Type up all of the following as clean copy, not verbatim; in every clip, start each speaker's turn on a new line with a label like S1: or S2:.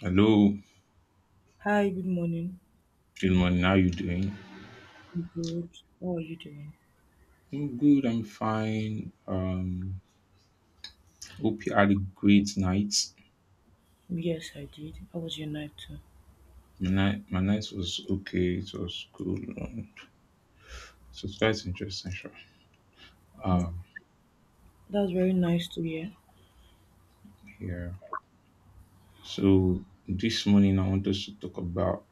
S1: Hello,
S2: Hi, good morning.
S1: good morning. How you doing?
S2: I'm good. How are you doing?
S1: I'm good. I'm fine. Hope you had a great night.
S2: Yes, I did. How was your night too?
S1: My night was okay. It was cool. It was quite interesting. Sure.
S2: Mm.
S1: Um,
S2: That's very nice to hear.
S1: yeah. So this morning I want us to talk about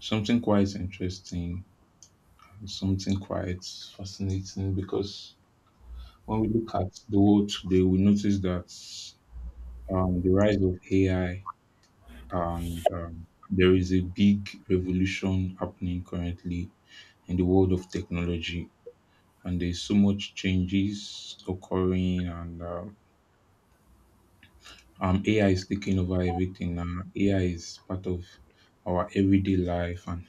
S1: something quite interesting and something quite fascinating because when we look at the world today, we notice that the rise of AI. And there is a big revolution happening currently in the world of technology, and there's so much changes occurring. And ai is taking over everything now. Ai is part of our everyday life, and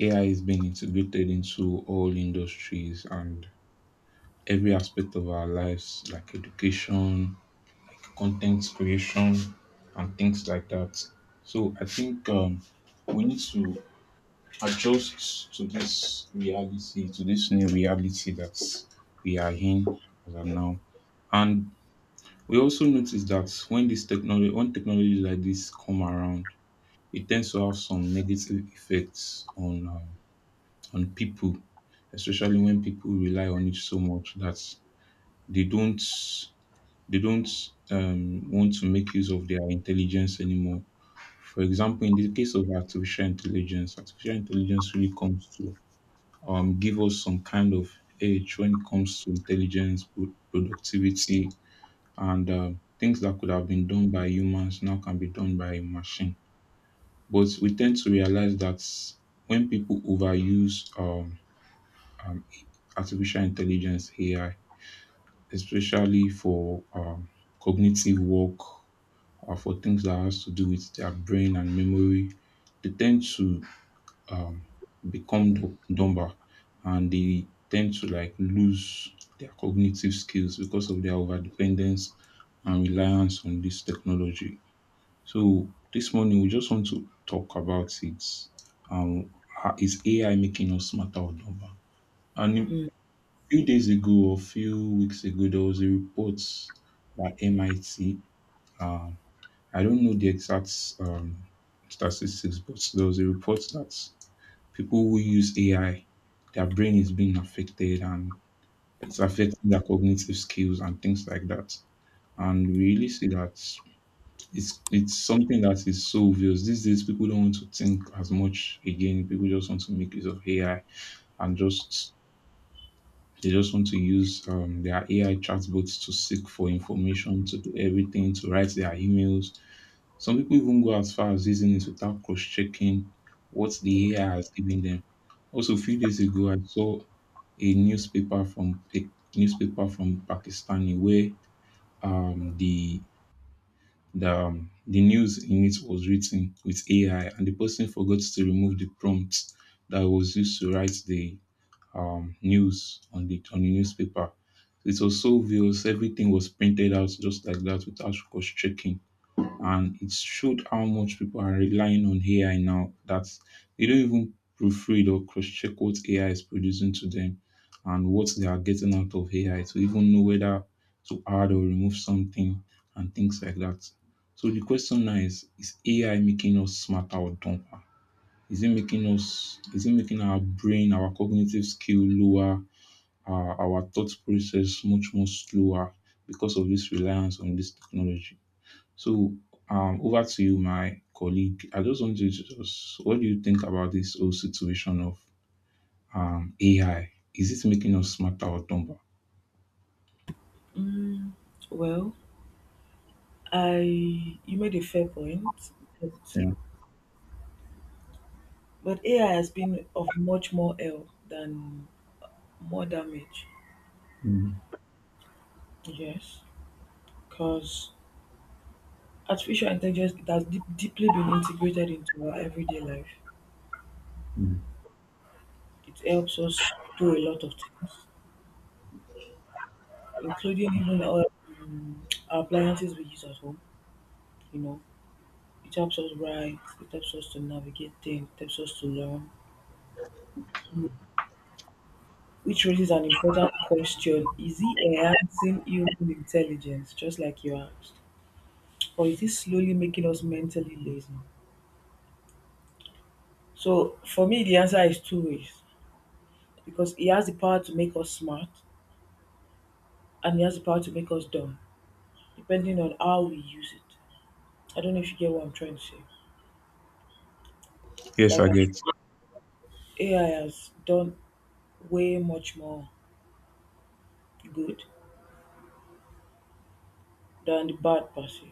S1: ai is being integrated into all industries and every aspect of our lives, like education, content creation, and things like that. So I think we need to adjust to this reality, to this new reality that we are in as of now. And we also notice that when this technology, when technologies like this come around, it tends to have some negative effects on people, especially when people rely on it so much that they don't they don't want to make use of their intelligence anymore. For example, in the case of artificial intelligence really comes to give us some kind of edge when it comes to intelligence, productivity, and things that could have been done by humans now can be done by a machine. But we tend to realize that when people overuse um, artificial intelligence AI, especially for cognitive work, or for things that has to do with their brain and memory, they tend to become dumber, and they tend to like lose their cognitive skills because of their overdependence and reliance on this technology. So this morning we just want to talk about it. Um, is AI making us smarter or dumber? And a
S2: Mm.
S1: few days ago, or a few weeks ago, there was a report by MIT. Um, I don't know the exact um, statistics, but there was a report that people who use AI, their brain is being affected, and it's affecting their cognitive skills and things like that. And we really see that it's something that is so obvious. These days people don't want to think as much again. People just want to make use of AI, and just they just want to use their AI chatbots to seek for information, to do everything, to write their emails. Some people even go as far as using it without cross checking what the AI has given them. Also, a few days ago, I saw a newspaper from Pakistani where um, the the news in it was written with AI, and the person forgot to remove the prompt that was used to write the news on the newspaper. It was so obvious; everything was printed out just like that without cross checking, and it showed how much people are relying on AI now that they don't even proofread or cross check what AI is producing to them and what they are getting out of AI to even know whether to add or remove something and things like that. So the question now is AI making us smarter or dumber? Is it making our brain, our cognitive skill lower, our thought process much more slower because of this reliance on this technology? So, over to you, my colleague. I just want you to just, what do you think about this whole situation of AI? Is it making us smarter or dumber?
S2: Well, I you made a fair point, but
S1: Yeah.
S2: but AI has been of much more help than more damage.
S1: Mm,
S2: Yes, because artificial intelligence it has deeply been integrated into our everyday life.
S1: mm.
S2: It helps us do a lot of things, including even our appliances we use at home. You know, It helps us write, it helps us to navigate things, it helps us to learn. Which raises an important question. Is it enhancing human intelligence, just like you asked? Or is it slowly making us mentally lazy? So for me the answer is two ways. Because it has the power to make us smart and it has the power to make us dumb, depending on how we use it. I don't know if you get what I'm trying to say.
S1: Yes,
S2: Like
S1: I
S2: I-
S1: get.
S2: AI has done way much more good than the bad per se.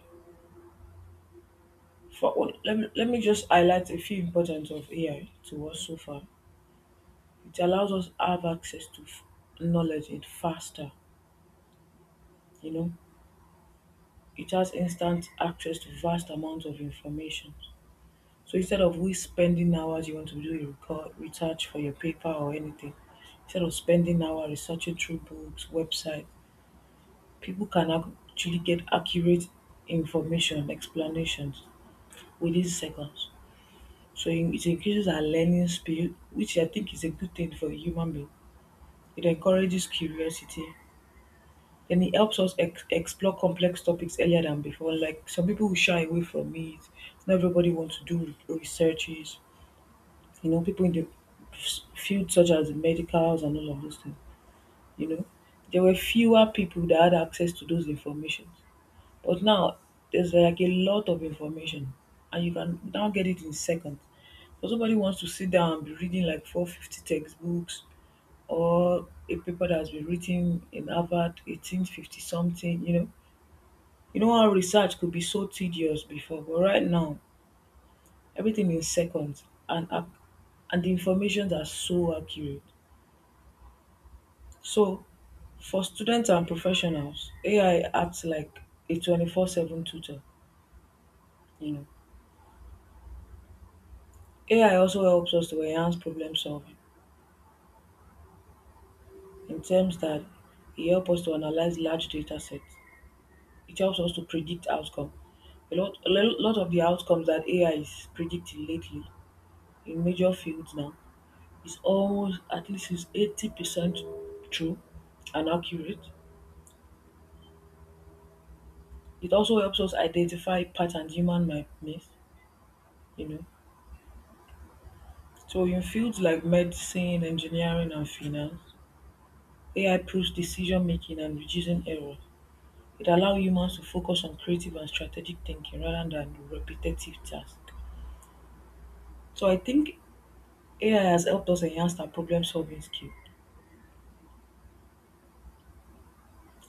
S2: For, well, let me just highlight a few importance of AI to us so far. It allows us have access to knowledge it faster, you know. It has instant access to vast amounts of information. So instead of we spending hours you want to do research for your paper or anything, instead of spending hours researching through books, website, people can actually get accurate information, explanations within seconds. So it increases our learning speed, which I think is a good thing for the human being. It encourages curiosity and it helps us explore complex topics earlier than before. Like some people will shy away from it. Not everybody wants to do researches. People in the field such as medicals and all of those things. You know, there were fewer people that had access to those informations. But now there's like a lot of information and you can now get it in seconds. So somebody wants to sit down and be reading like 450 textbooks or a paper that has been written in Harvard 1850 something. You know how research could be so tedious before, but right now everything in seconds and and the information are so accurate. So for students and professionals, AI acts like a 24/7 tutor. You know, AI also helps us to enhance problem solving in terms that it helps us to analyze large data sets. It helps us to predict outcome. A lot of the outcomes that AI is predicting lately in major fields now is almost at least is 80% true and accurate. It also helps us identify patterns human might miss. You know, so in fields like medicine, engineering, and finance, AI proves decision making and reducing error. It allows humans to focus on creative and strategic thinking rather than repetitive tasks. So I think AI has helped us enhance our problem solving skill.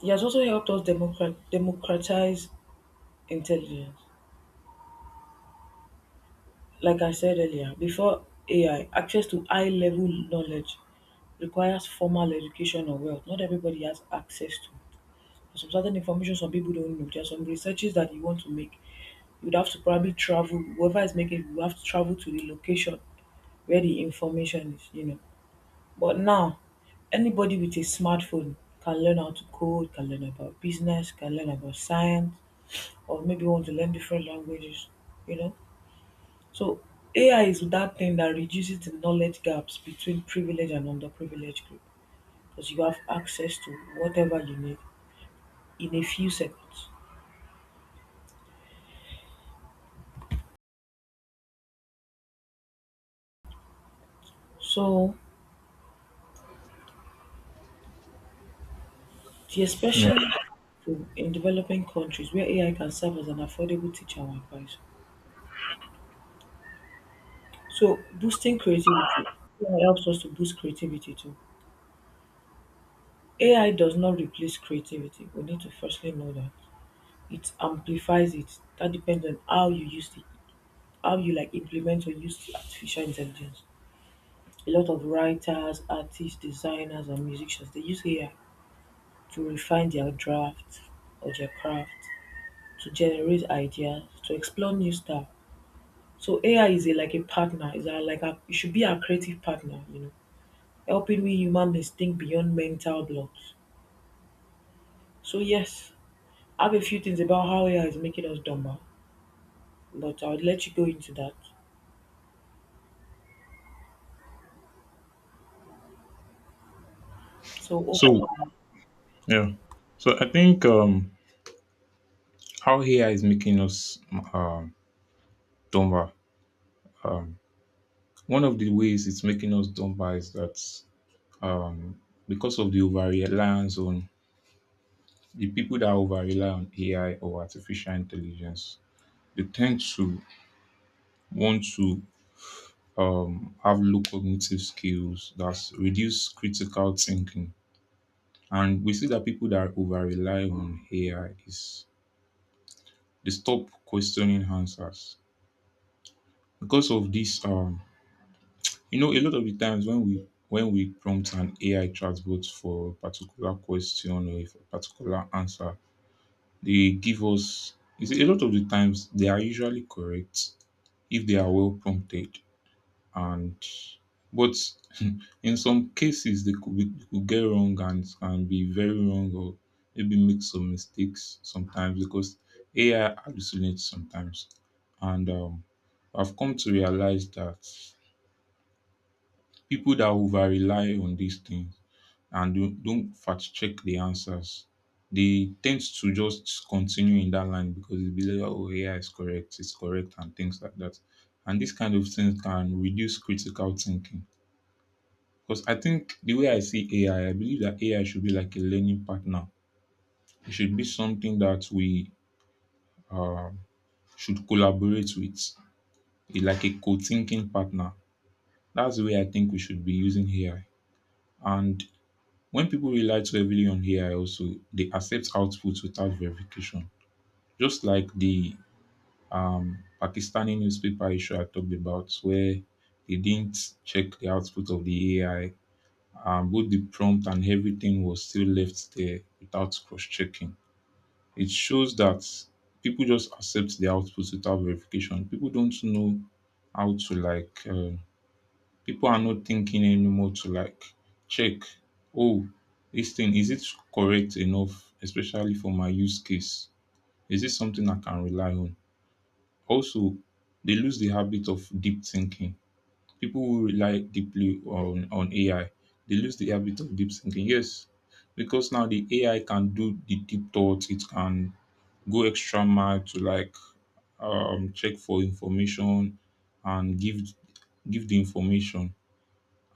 S2: It has also helped us democratize intelligence. Like I said earlier, before AI, access to high level knowledge requires formal education or wealth. Not everybody has access to. Some certain information some people don't know. There are some researches that you want to make. You'd have to probably travel. Whoever is making it, you have to travel to the location where the information is. You know, but now, anybody with a smartphone can learn how to code, can learn about business, can learn about science, or maybe want to learn different languages, you know? So AI is that thing that reduces the knowledge gaps between privileged and underprivileged group because you have access to whatever you need in a few seconds. So the
S1: Yeah.
S2: expression in developing countries where AI can serve as an affordable teacher or advisor. So boosting creativity. AI helps us to boost creativity too. AI does not replace creativity. We need to firstly know that it amplifies it. That depends on how you use it, how you like implement or use the artificial intelligence. A lot of writers, artists, designers, and musicians they use AI to refine their draft or their craft, to generate ideas, to explore new stuff. So AI is like a partner. Is a, like a, it should be our creative partner. Helping we human beings think beyond mental blocks. So yes, I have a few things about how AI is making us dumber. But I'll let you go into that. So over to
S1: So,
S2: you.
S1: yeah. So I think how AI is making us um, dumber. One of the ways it's making us dumber is that um, because of the over reliance on the people that over rely on AI or artificial intelligence, they tend to want to have low cognitive skills, that's reduce critical thinking. And we see that people that over rely on AI is they stop questioning answers because of this. You know, a lot of the times when we prompt an AI chatbot for a particular question or if a particular answer, they give us. You see, a lot of the times they are usually correct if they are well prompted, and but in some cases they could get wrong and can be very wrong or maybe make some mistakes sometimes because AI hallucinates sometimes. And I've come to realize that people that over rely on these things and don't fact check the answers, they tend to just continue in that line because they believe, oh, AI is correct, it's correct, and things like that. And these kind of things can reduce critical thinking because I think the way I see AI, I believe that AI should be like a learning partner. It should be something that we uh, should collaborate with, like a co-thinking partner. That's the way I think we should be using AI. And when people rely too heavily on AI, also they accept outputs without verification. Just like the Pakistani newspaper issue I talked about, where they didn't check the output of the AI. Both the prompt and everything was still left there without cross-checking. It shows that people just accept the output without verification. People don't know how to like. People are not thinking anymore to like check. Oh, this thing is it correct enough, especially for my use case? Is this something I can rely on? Also, they lose the habit of deep thinking. People who rely deeply on AI, they lose the habit of deep thinking. Yes, because now the AI can do the deep thoughts, it can go extra mile to like check for information and give the information.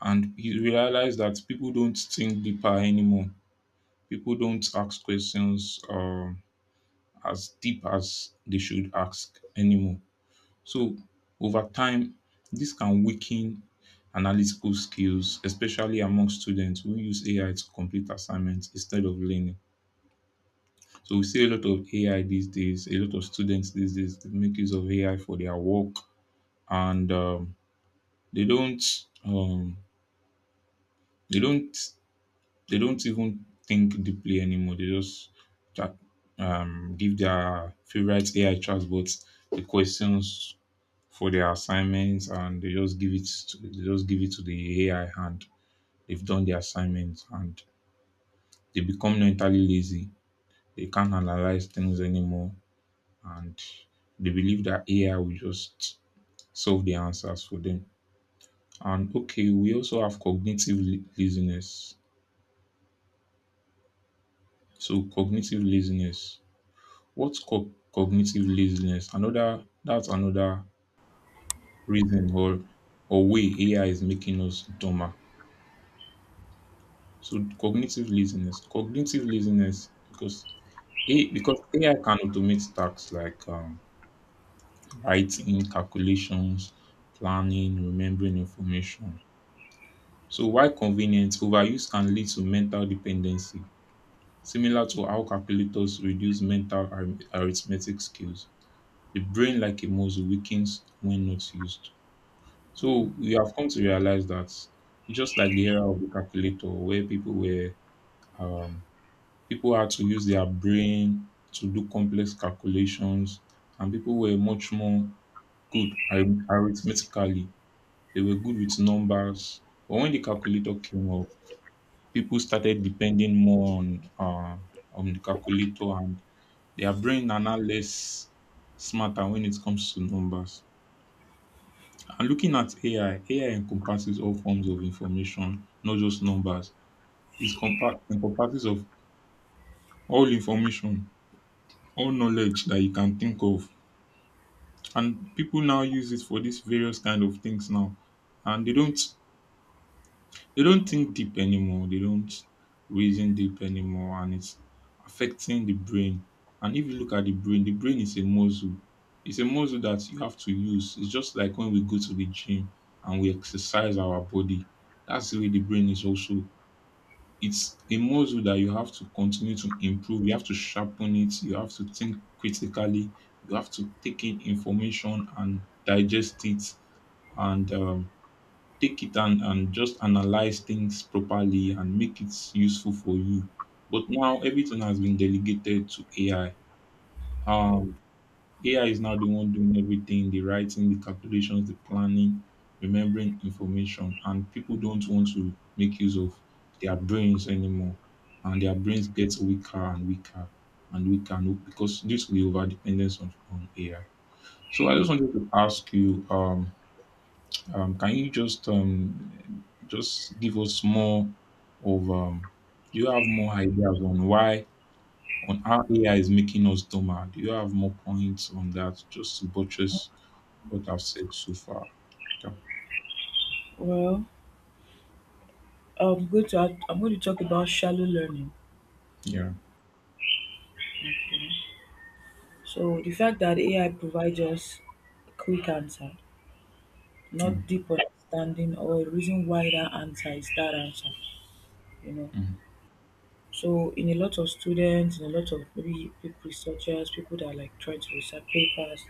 S1: And you realize that people don't think deeper anymore. People don't ask questions as deep as they should ask anymore. So over time, this can weaken analytical skills, especially among students who use AI to complete assignments instead of learning. So we see a lot of AI these days, a lot of students these days they make use of AI for their work, and they don't um, they don't they don't even think deeply anymore. They just chat, give their favorite AI chatbots the questions for their assignments, and they just give it to the AI, and they've done their assignments, and they become mentally lazy. They can't analyze things anymore, and they believe that AI will just solve the answers for them. And okay, we also have cognitive laziness. So cognitive laziness. What's cognitive laziness? Another, that's another reason or way AI is making us dumber. So cognitive laziness because A because AI can automate tasks like writing, calculations, planning, remembering information. So while convenience, overuse can lead to mental dependency, similar to how calculators reduce mental arithmetic skills. The brain, like a muscle, weakens when not used. So
S2: Mm.
S1: we have come to realize that it's just like the era of the calculator, where people were um, people had to use their brain to do complex calculations, and people were much more good arithmetically. They were good with numbers. But when the calculator came up, people started depending more on the calculator, and their brain are now less smarter when it comes to numbers. And looking at AI, AI encompasses all forms of information, not just numbers. It encompasses of all information, all knowledge that you can think of, and people now use it for these various kind of things now, and they don't think deep anymore, they don't reason deep anymore, and it's affecting the brain. And if you look at the brain, the brain is a muscle. It's a muscle that you have to use. It's just like when we go to the gym and we exercise our body, that's the way the brain is also. It's a muscle that you have to continue to improve. You have to sharpen it. You have to think critically. You have to take in information and digest it, and take it and, just analyze things properly and make it useful for you. But now everything has been delegated to AI. Um, AI is now the one doing everything, the writing, the calculations, the planning, remembering information, and people don't want to make use of their brains anymore. And their brains get weaker and weaker and weaker and because due to the over dependence on AI. So I just wanted to ask you, can you just give us more of do you have more ideas on why on how AI is making us dumber? Do you have more points on that just to buttress what I've said so far. Yeah.
S2: Well, I'm going to talk about shallow learning.
S1: Yeah.
S2: So the fact that AI provides us a quick answer,
S1: Mm,
S2: not deep understanding or a reason why that answer is that answer, you know.
S1: mm.
S2: So in a lot of students, in a lot of maybe people researchers, people that are like trying to research papers,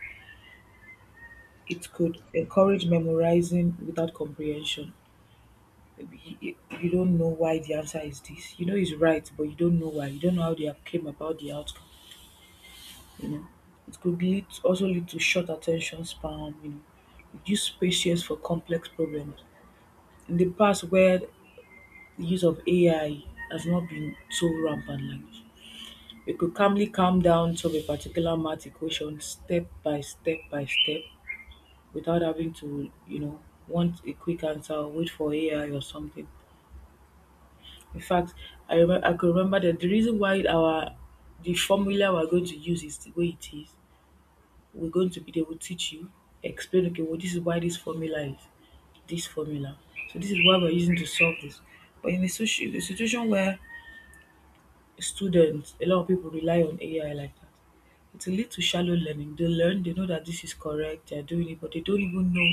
S2: it could encourage memorizing without comprehension. You don't know why the answer is this. You know it's right, but you don't know why. You don't know how they have came about the outcome. You know, it could lead also lead to short attention span. Reduce patience for complex problems. In the past, where the use of AI has not been so rampant, like we could calmly calm down to a particular math equation step by step by step without having to, want a quick answer or wait for AI or something. In fact, I remember I could remember that the reason why our the formula we're going to use is the way it is. We're going to be they will teach you, explain okay, well this is why this formula is this formula. So this is why we're using to solve this. But in a a situation where students, a lot of people rely on AI like that, it will lead to shallow learning. They learn, they know that this is correct, they're doing it, but they don't even know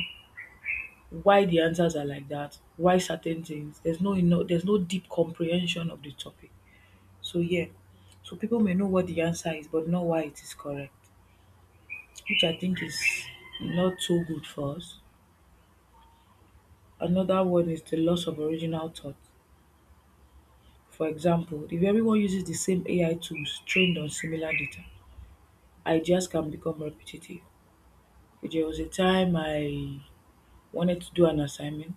S2: why the answers are like that, why certain things. There's no deep comprehension of the topic. So yeah, so people may know what the answer is, but not why it is correct, which I think is not too good for us. Another one is the loss of original thought. For example, if everyone uses the same AI tools trained on similar data, ideas can become repetitive. There was a time I wanted to do an assignment,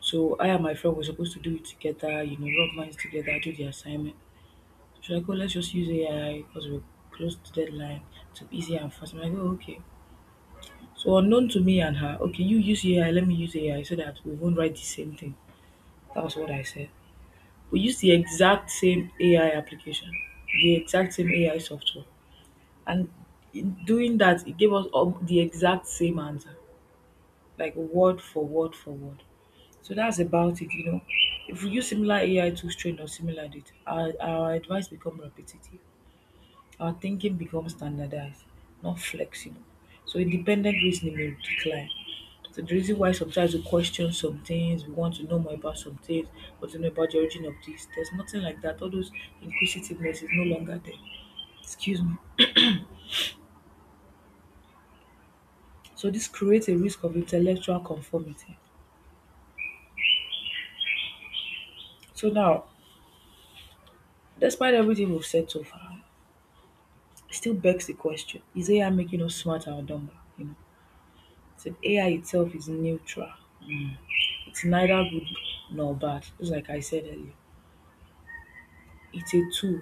S2: so I and my friend were supposed to do it together, you know, rub minds together, do the assignment. So I go, let's just use AI because we're close to deadline to be easy and fast. I'm like, oh, okay. So unknown to me and her, okay, you use AI, let me use AI so that we won't write the same thing. That was what I said. We used the exact same AI application, the exact same AI software. And in doing that, it gave us all the exact same answer, like word for word for word. So that's about it. If we use similar AI tools trained on similar data, our advice become repetitive. Our thinking becomes standardized, not flexible. So independent reasoning may decline. So the reason why sometimes we question some things, we want to know more about some things, but to know about the origin of this, there's nothing like that. All those inquisitiveness is no longer there. Excuse me. So this creates a risk of intellectual conformity. So now, despite everything we've said so far, it still begs the question: Is AI making us smarter or dumber? So AI itself is neutral. Hmm. It's neither good nor bad, just like I said earlier. It's a tool.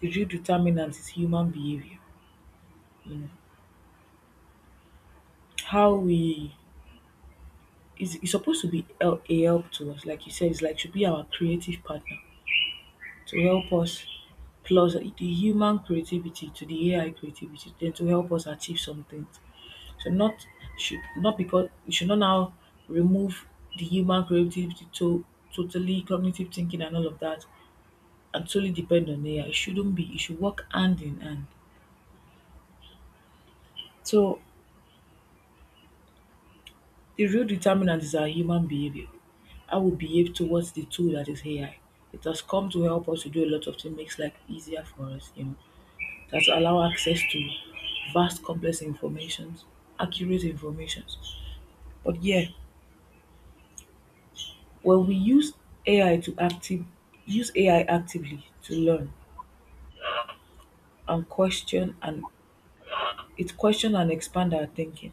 S2: The real determinant is human behavior. You know, how we it's supposed to be a help to us, like you said, it's like should be our creative partner to help us plus the human creativity to the AI creativity, then to help us achieve some things. So not should not because we should not now remove the human creativity to totally cognitive thinking and all of that actually depend on AI. It shouldn't be. It should work hand in hand. So the real determinant is our human behavior. How we behave towards the tool that is AI. It has come to help us to do a lot of things, makes life easier for us, that allow access to vast complex informations, accurate informations. But yeah, when we use AI to active use AI actively to learn and question and it question and expand our thinking,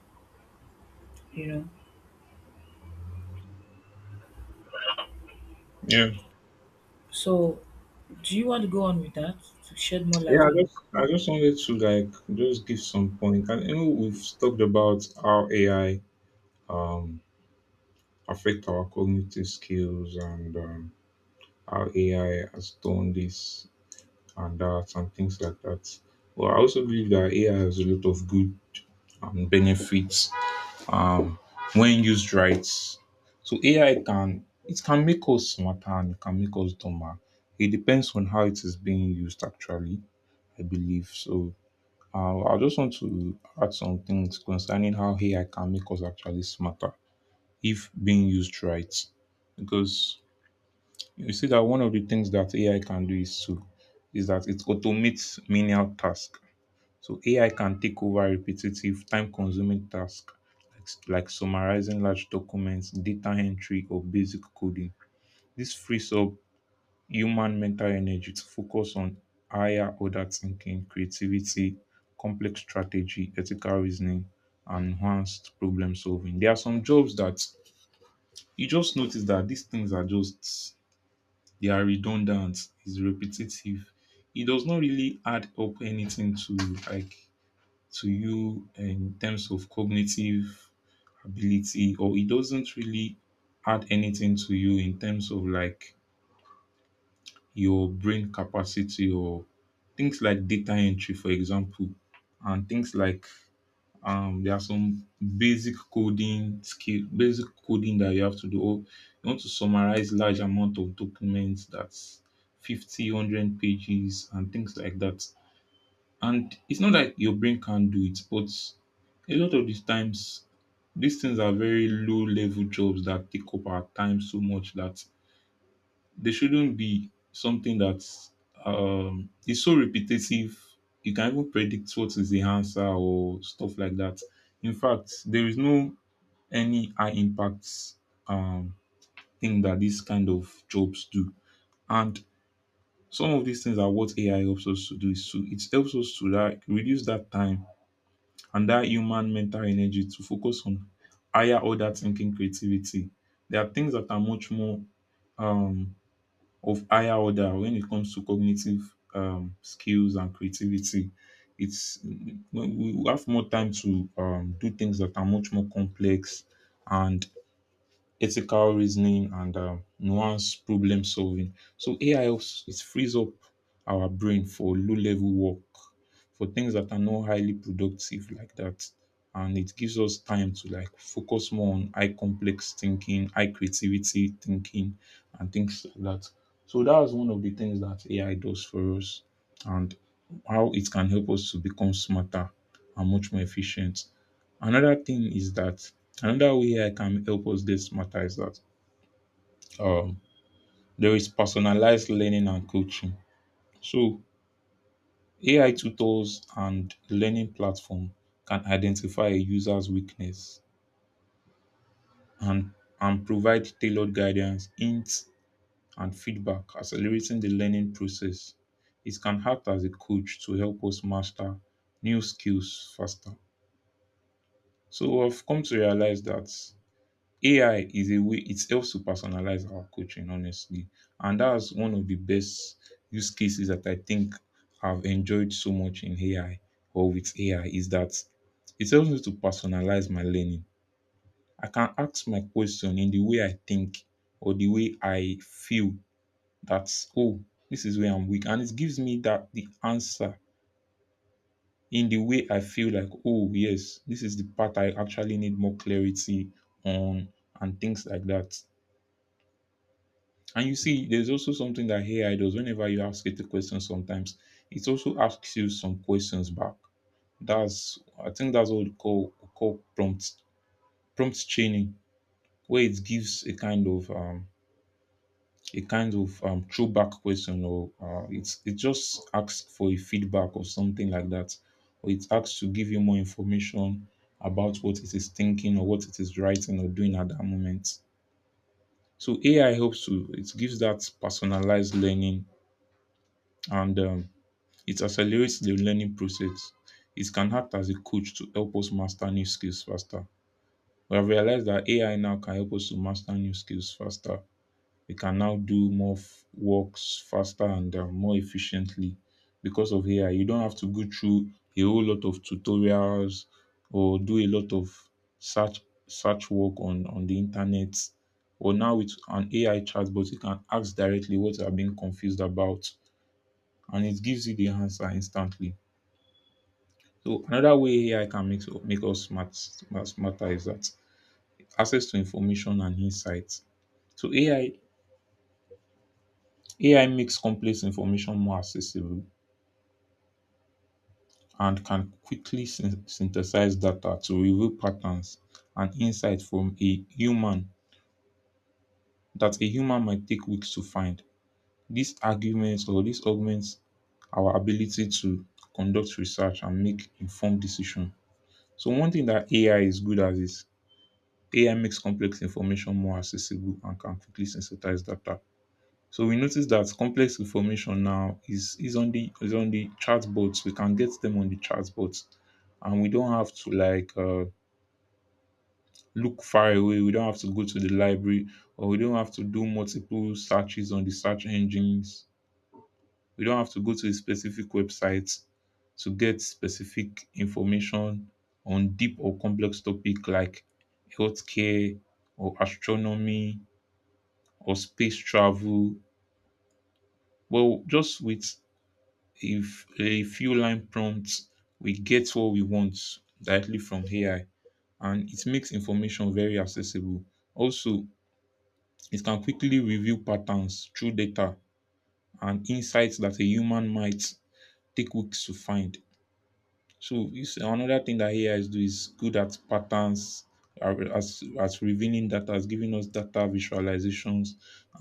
S2: you know,
S1: Yeah,
S2: so, do you want to go on with that to shed more
S1: yeah.
S2: light
S1: I
S2: on
S1: just, I just wanted to like just give some point. And you know, we've talked about how AI um affect our cognitive skills and how AI has done this and that and things like that. Well, I also believe that AI has a lot of good benefits um, when used right. So AI can make us smarter and it can make us dumber. It depends on how it is being used actually, I believe. So I just want to add some things concerning how AI can make us actually smarter if being used right. Because you see that one of the things that AI can do is that it automates menial tasks. So AI can take over repetitive, time-consuming tasks like like summarizing large documents, data entry, or basic coding. This frees up human mental energy to focus on higher order thinking, creativity, complex strategy, ethical reasoning, and enhanced problem solving. There are some jobs that you just notice that these things are just they are redundant, it's repetitive. It does not really add up anything to like to you in terms of cognitive ability, or it doesn't really add anything to you in terms of like your brain capacity or things like data entry, for example, and things like there are some basic coding that you have to do, or you want to summarize large amount of documents that's 50 100 pages and things like that. And it's not that your brain can't do it, but a lot of these times, these things are very low level jobs that take up our time so much that they shouldn't be something that is so repetitive. You can even predict what is the answer or stuff like that. In fact, there is no any high impact um, thing that these kind of jobs do. And some of these things are what AI helps us to do. Is to it helps us to like reduce that time and that human mental energy to focus on higher order thinking, creativity. There are things that are much more um, of higher order when it comes to cognitive skills and creativity. It's we have more time to do things that are much more complex and ethical reasoning and nuanced problem solving. So AI helps it frees up our brain for low level work, for things that are not highly productive like that. And it gives us time to like focus more on high complex thinking, high creativity thinking, and things like that. So that was one of the things that AI does for us and how it can help us to become smarter and much more efficient. Another thing is that another way I can help us this matter is that um, there is personalized learning and coaching. So AI tutors and learning platform can identify a user's weakness and and provide tailored guidance, hints, and feedback, accelerating the learning process. It can act as a coach to help us master new skills faster. So I've come to realize that AI is a way it helps to personalize our coaching, honestly. And that's one of the best use cases that I think I've enjoyed so much in AI or with AI is that it helps me to personalize my learning. I can ask my question in the way I think or the way I feel that, oh, this is where I'm weak. And it gives me that the answer in the way I feel like, oh, yes, this is the part I actually need more clarity on and things like that. And you see, there's also something that AI does whenever you ask it a question sometimes, it also asks you some questions back. That's I think that's what we call prompt training, where it gives a kind of throwback question, or it's it just asks for a feedback or something like that. Or it asks to give you more information about what it is thinking or what it is writing or doing at that moment. So AI helps to it gives that personalized learning and it accelerates the learning process. It can act as a coach to help us master new skills faster. We have realized that AI now can help us to master new skills faster. We can now do more works faster and more efficiently because of AI. You don't have to go through a whole lot of tutorials or do a lot of search work on the internet. Or now with an AI chatbot, you can ask directly what you are being confused about, and it gives you the answer instantly. So another way AI can make us smarter is that access to information and insights. So AI makes complex information more accessible and can quickly synthesize data to reveal patterns and insights from a human that a human might take weeks to find. These arguments or this augments our ability to conduct research and make informed decisions. So one thing that AI is good at is AI makes complex information more accessible and can quickly sensitize data. So we notice that complex information now is on the is on the chatbots. We can get them on the chatbots, and we don't have to like look far away. We don't have to go to the library, or we don't have to do multiple searches on the search engines. We don't have to go to a specific website to get specific information on deep or complex topic like healthcare or astronomy or space travel. Well, just with if a few line prompts, we get what we want directly from AI, and it makes information very accessible. Also, it can quickly reveal patterns through data and insights that a human might take weeks to find. So it's another thing that AI is do is good at patterns, as revealing data, as giving us data visualizations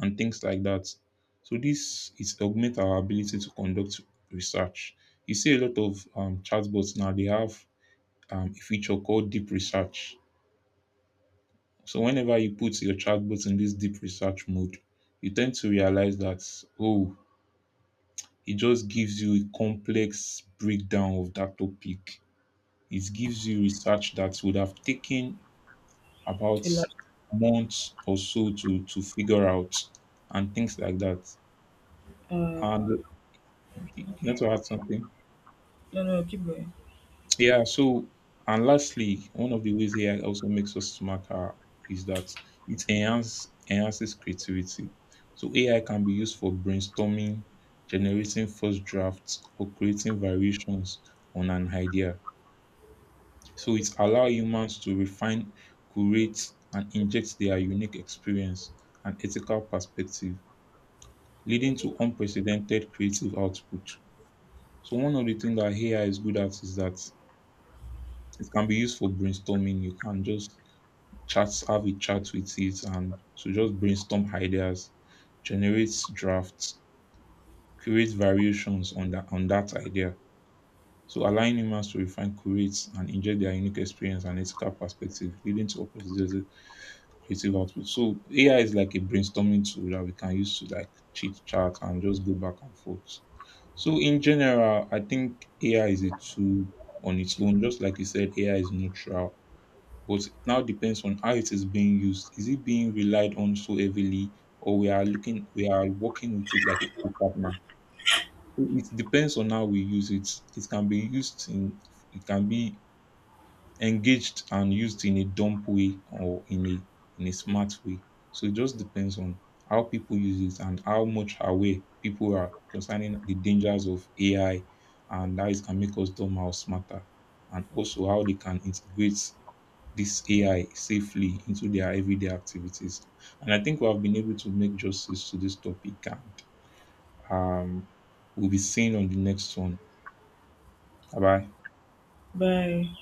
S1: and things like that. So this is augment our ability to conduct research. You see a lot of chatbots now. They have a feature called deep research. So whenever you put your chatbot in this deep research mode, you tend to realize that oh, it just gives you a complex breakdown of that topic. It gives you research that would have taken about
S2: a lot?
S1: months or so to figure out and things like that.
S2: Um,
S1: And you want to
S2: okay.
S1: add something?
S2: No, no, keep going.
S1: Yeah, so and lastly, one of the ways AI also makes us smarter is that it enhances creativity. So AI can be used for brainstorming, generating first drafts, or creating variations on an idea. So it allows humans to refine, curate, and inject their unique experience and ethical perspective, leading to unprecedented creative output. So one of the things that AI is good at is that it can be used for brainstorming. You can just chat, have a chat with it, and to just brainstorm ideas, generate drafts, create variations on that idea. So allowing humans to refine, curate, and inject their unique experience and ethical perspective, leading to unprecedented creative output. So AI is like a brainstorming tool that we can use to like chit chat and just go back and forth. So in general, I think AI is a tool on its own. Just like you said, AI is neutral, but now depends on how it is being used. Is it being relied on so heavily, or we are looking, we are working with it like a co-partner? So it depends on how we use it. It can be used in, it can be engaged and used in a dumb way or in a smart way. So it just depends on how people use it and how much aware people are concerning the dangers of AI and how it can make us dumb or smarter, and also how they can integrate this AI safely into their everyday activities. And I think we have been able to make justice to this topic, and um, we'll be seeing on the next one. Bye bye.
S2: Bye.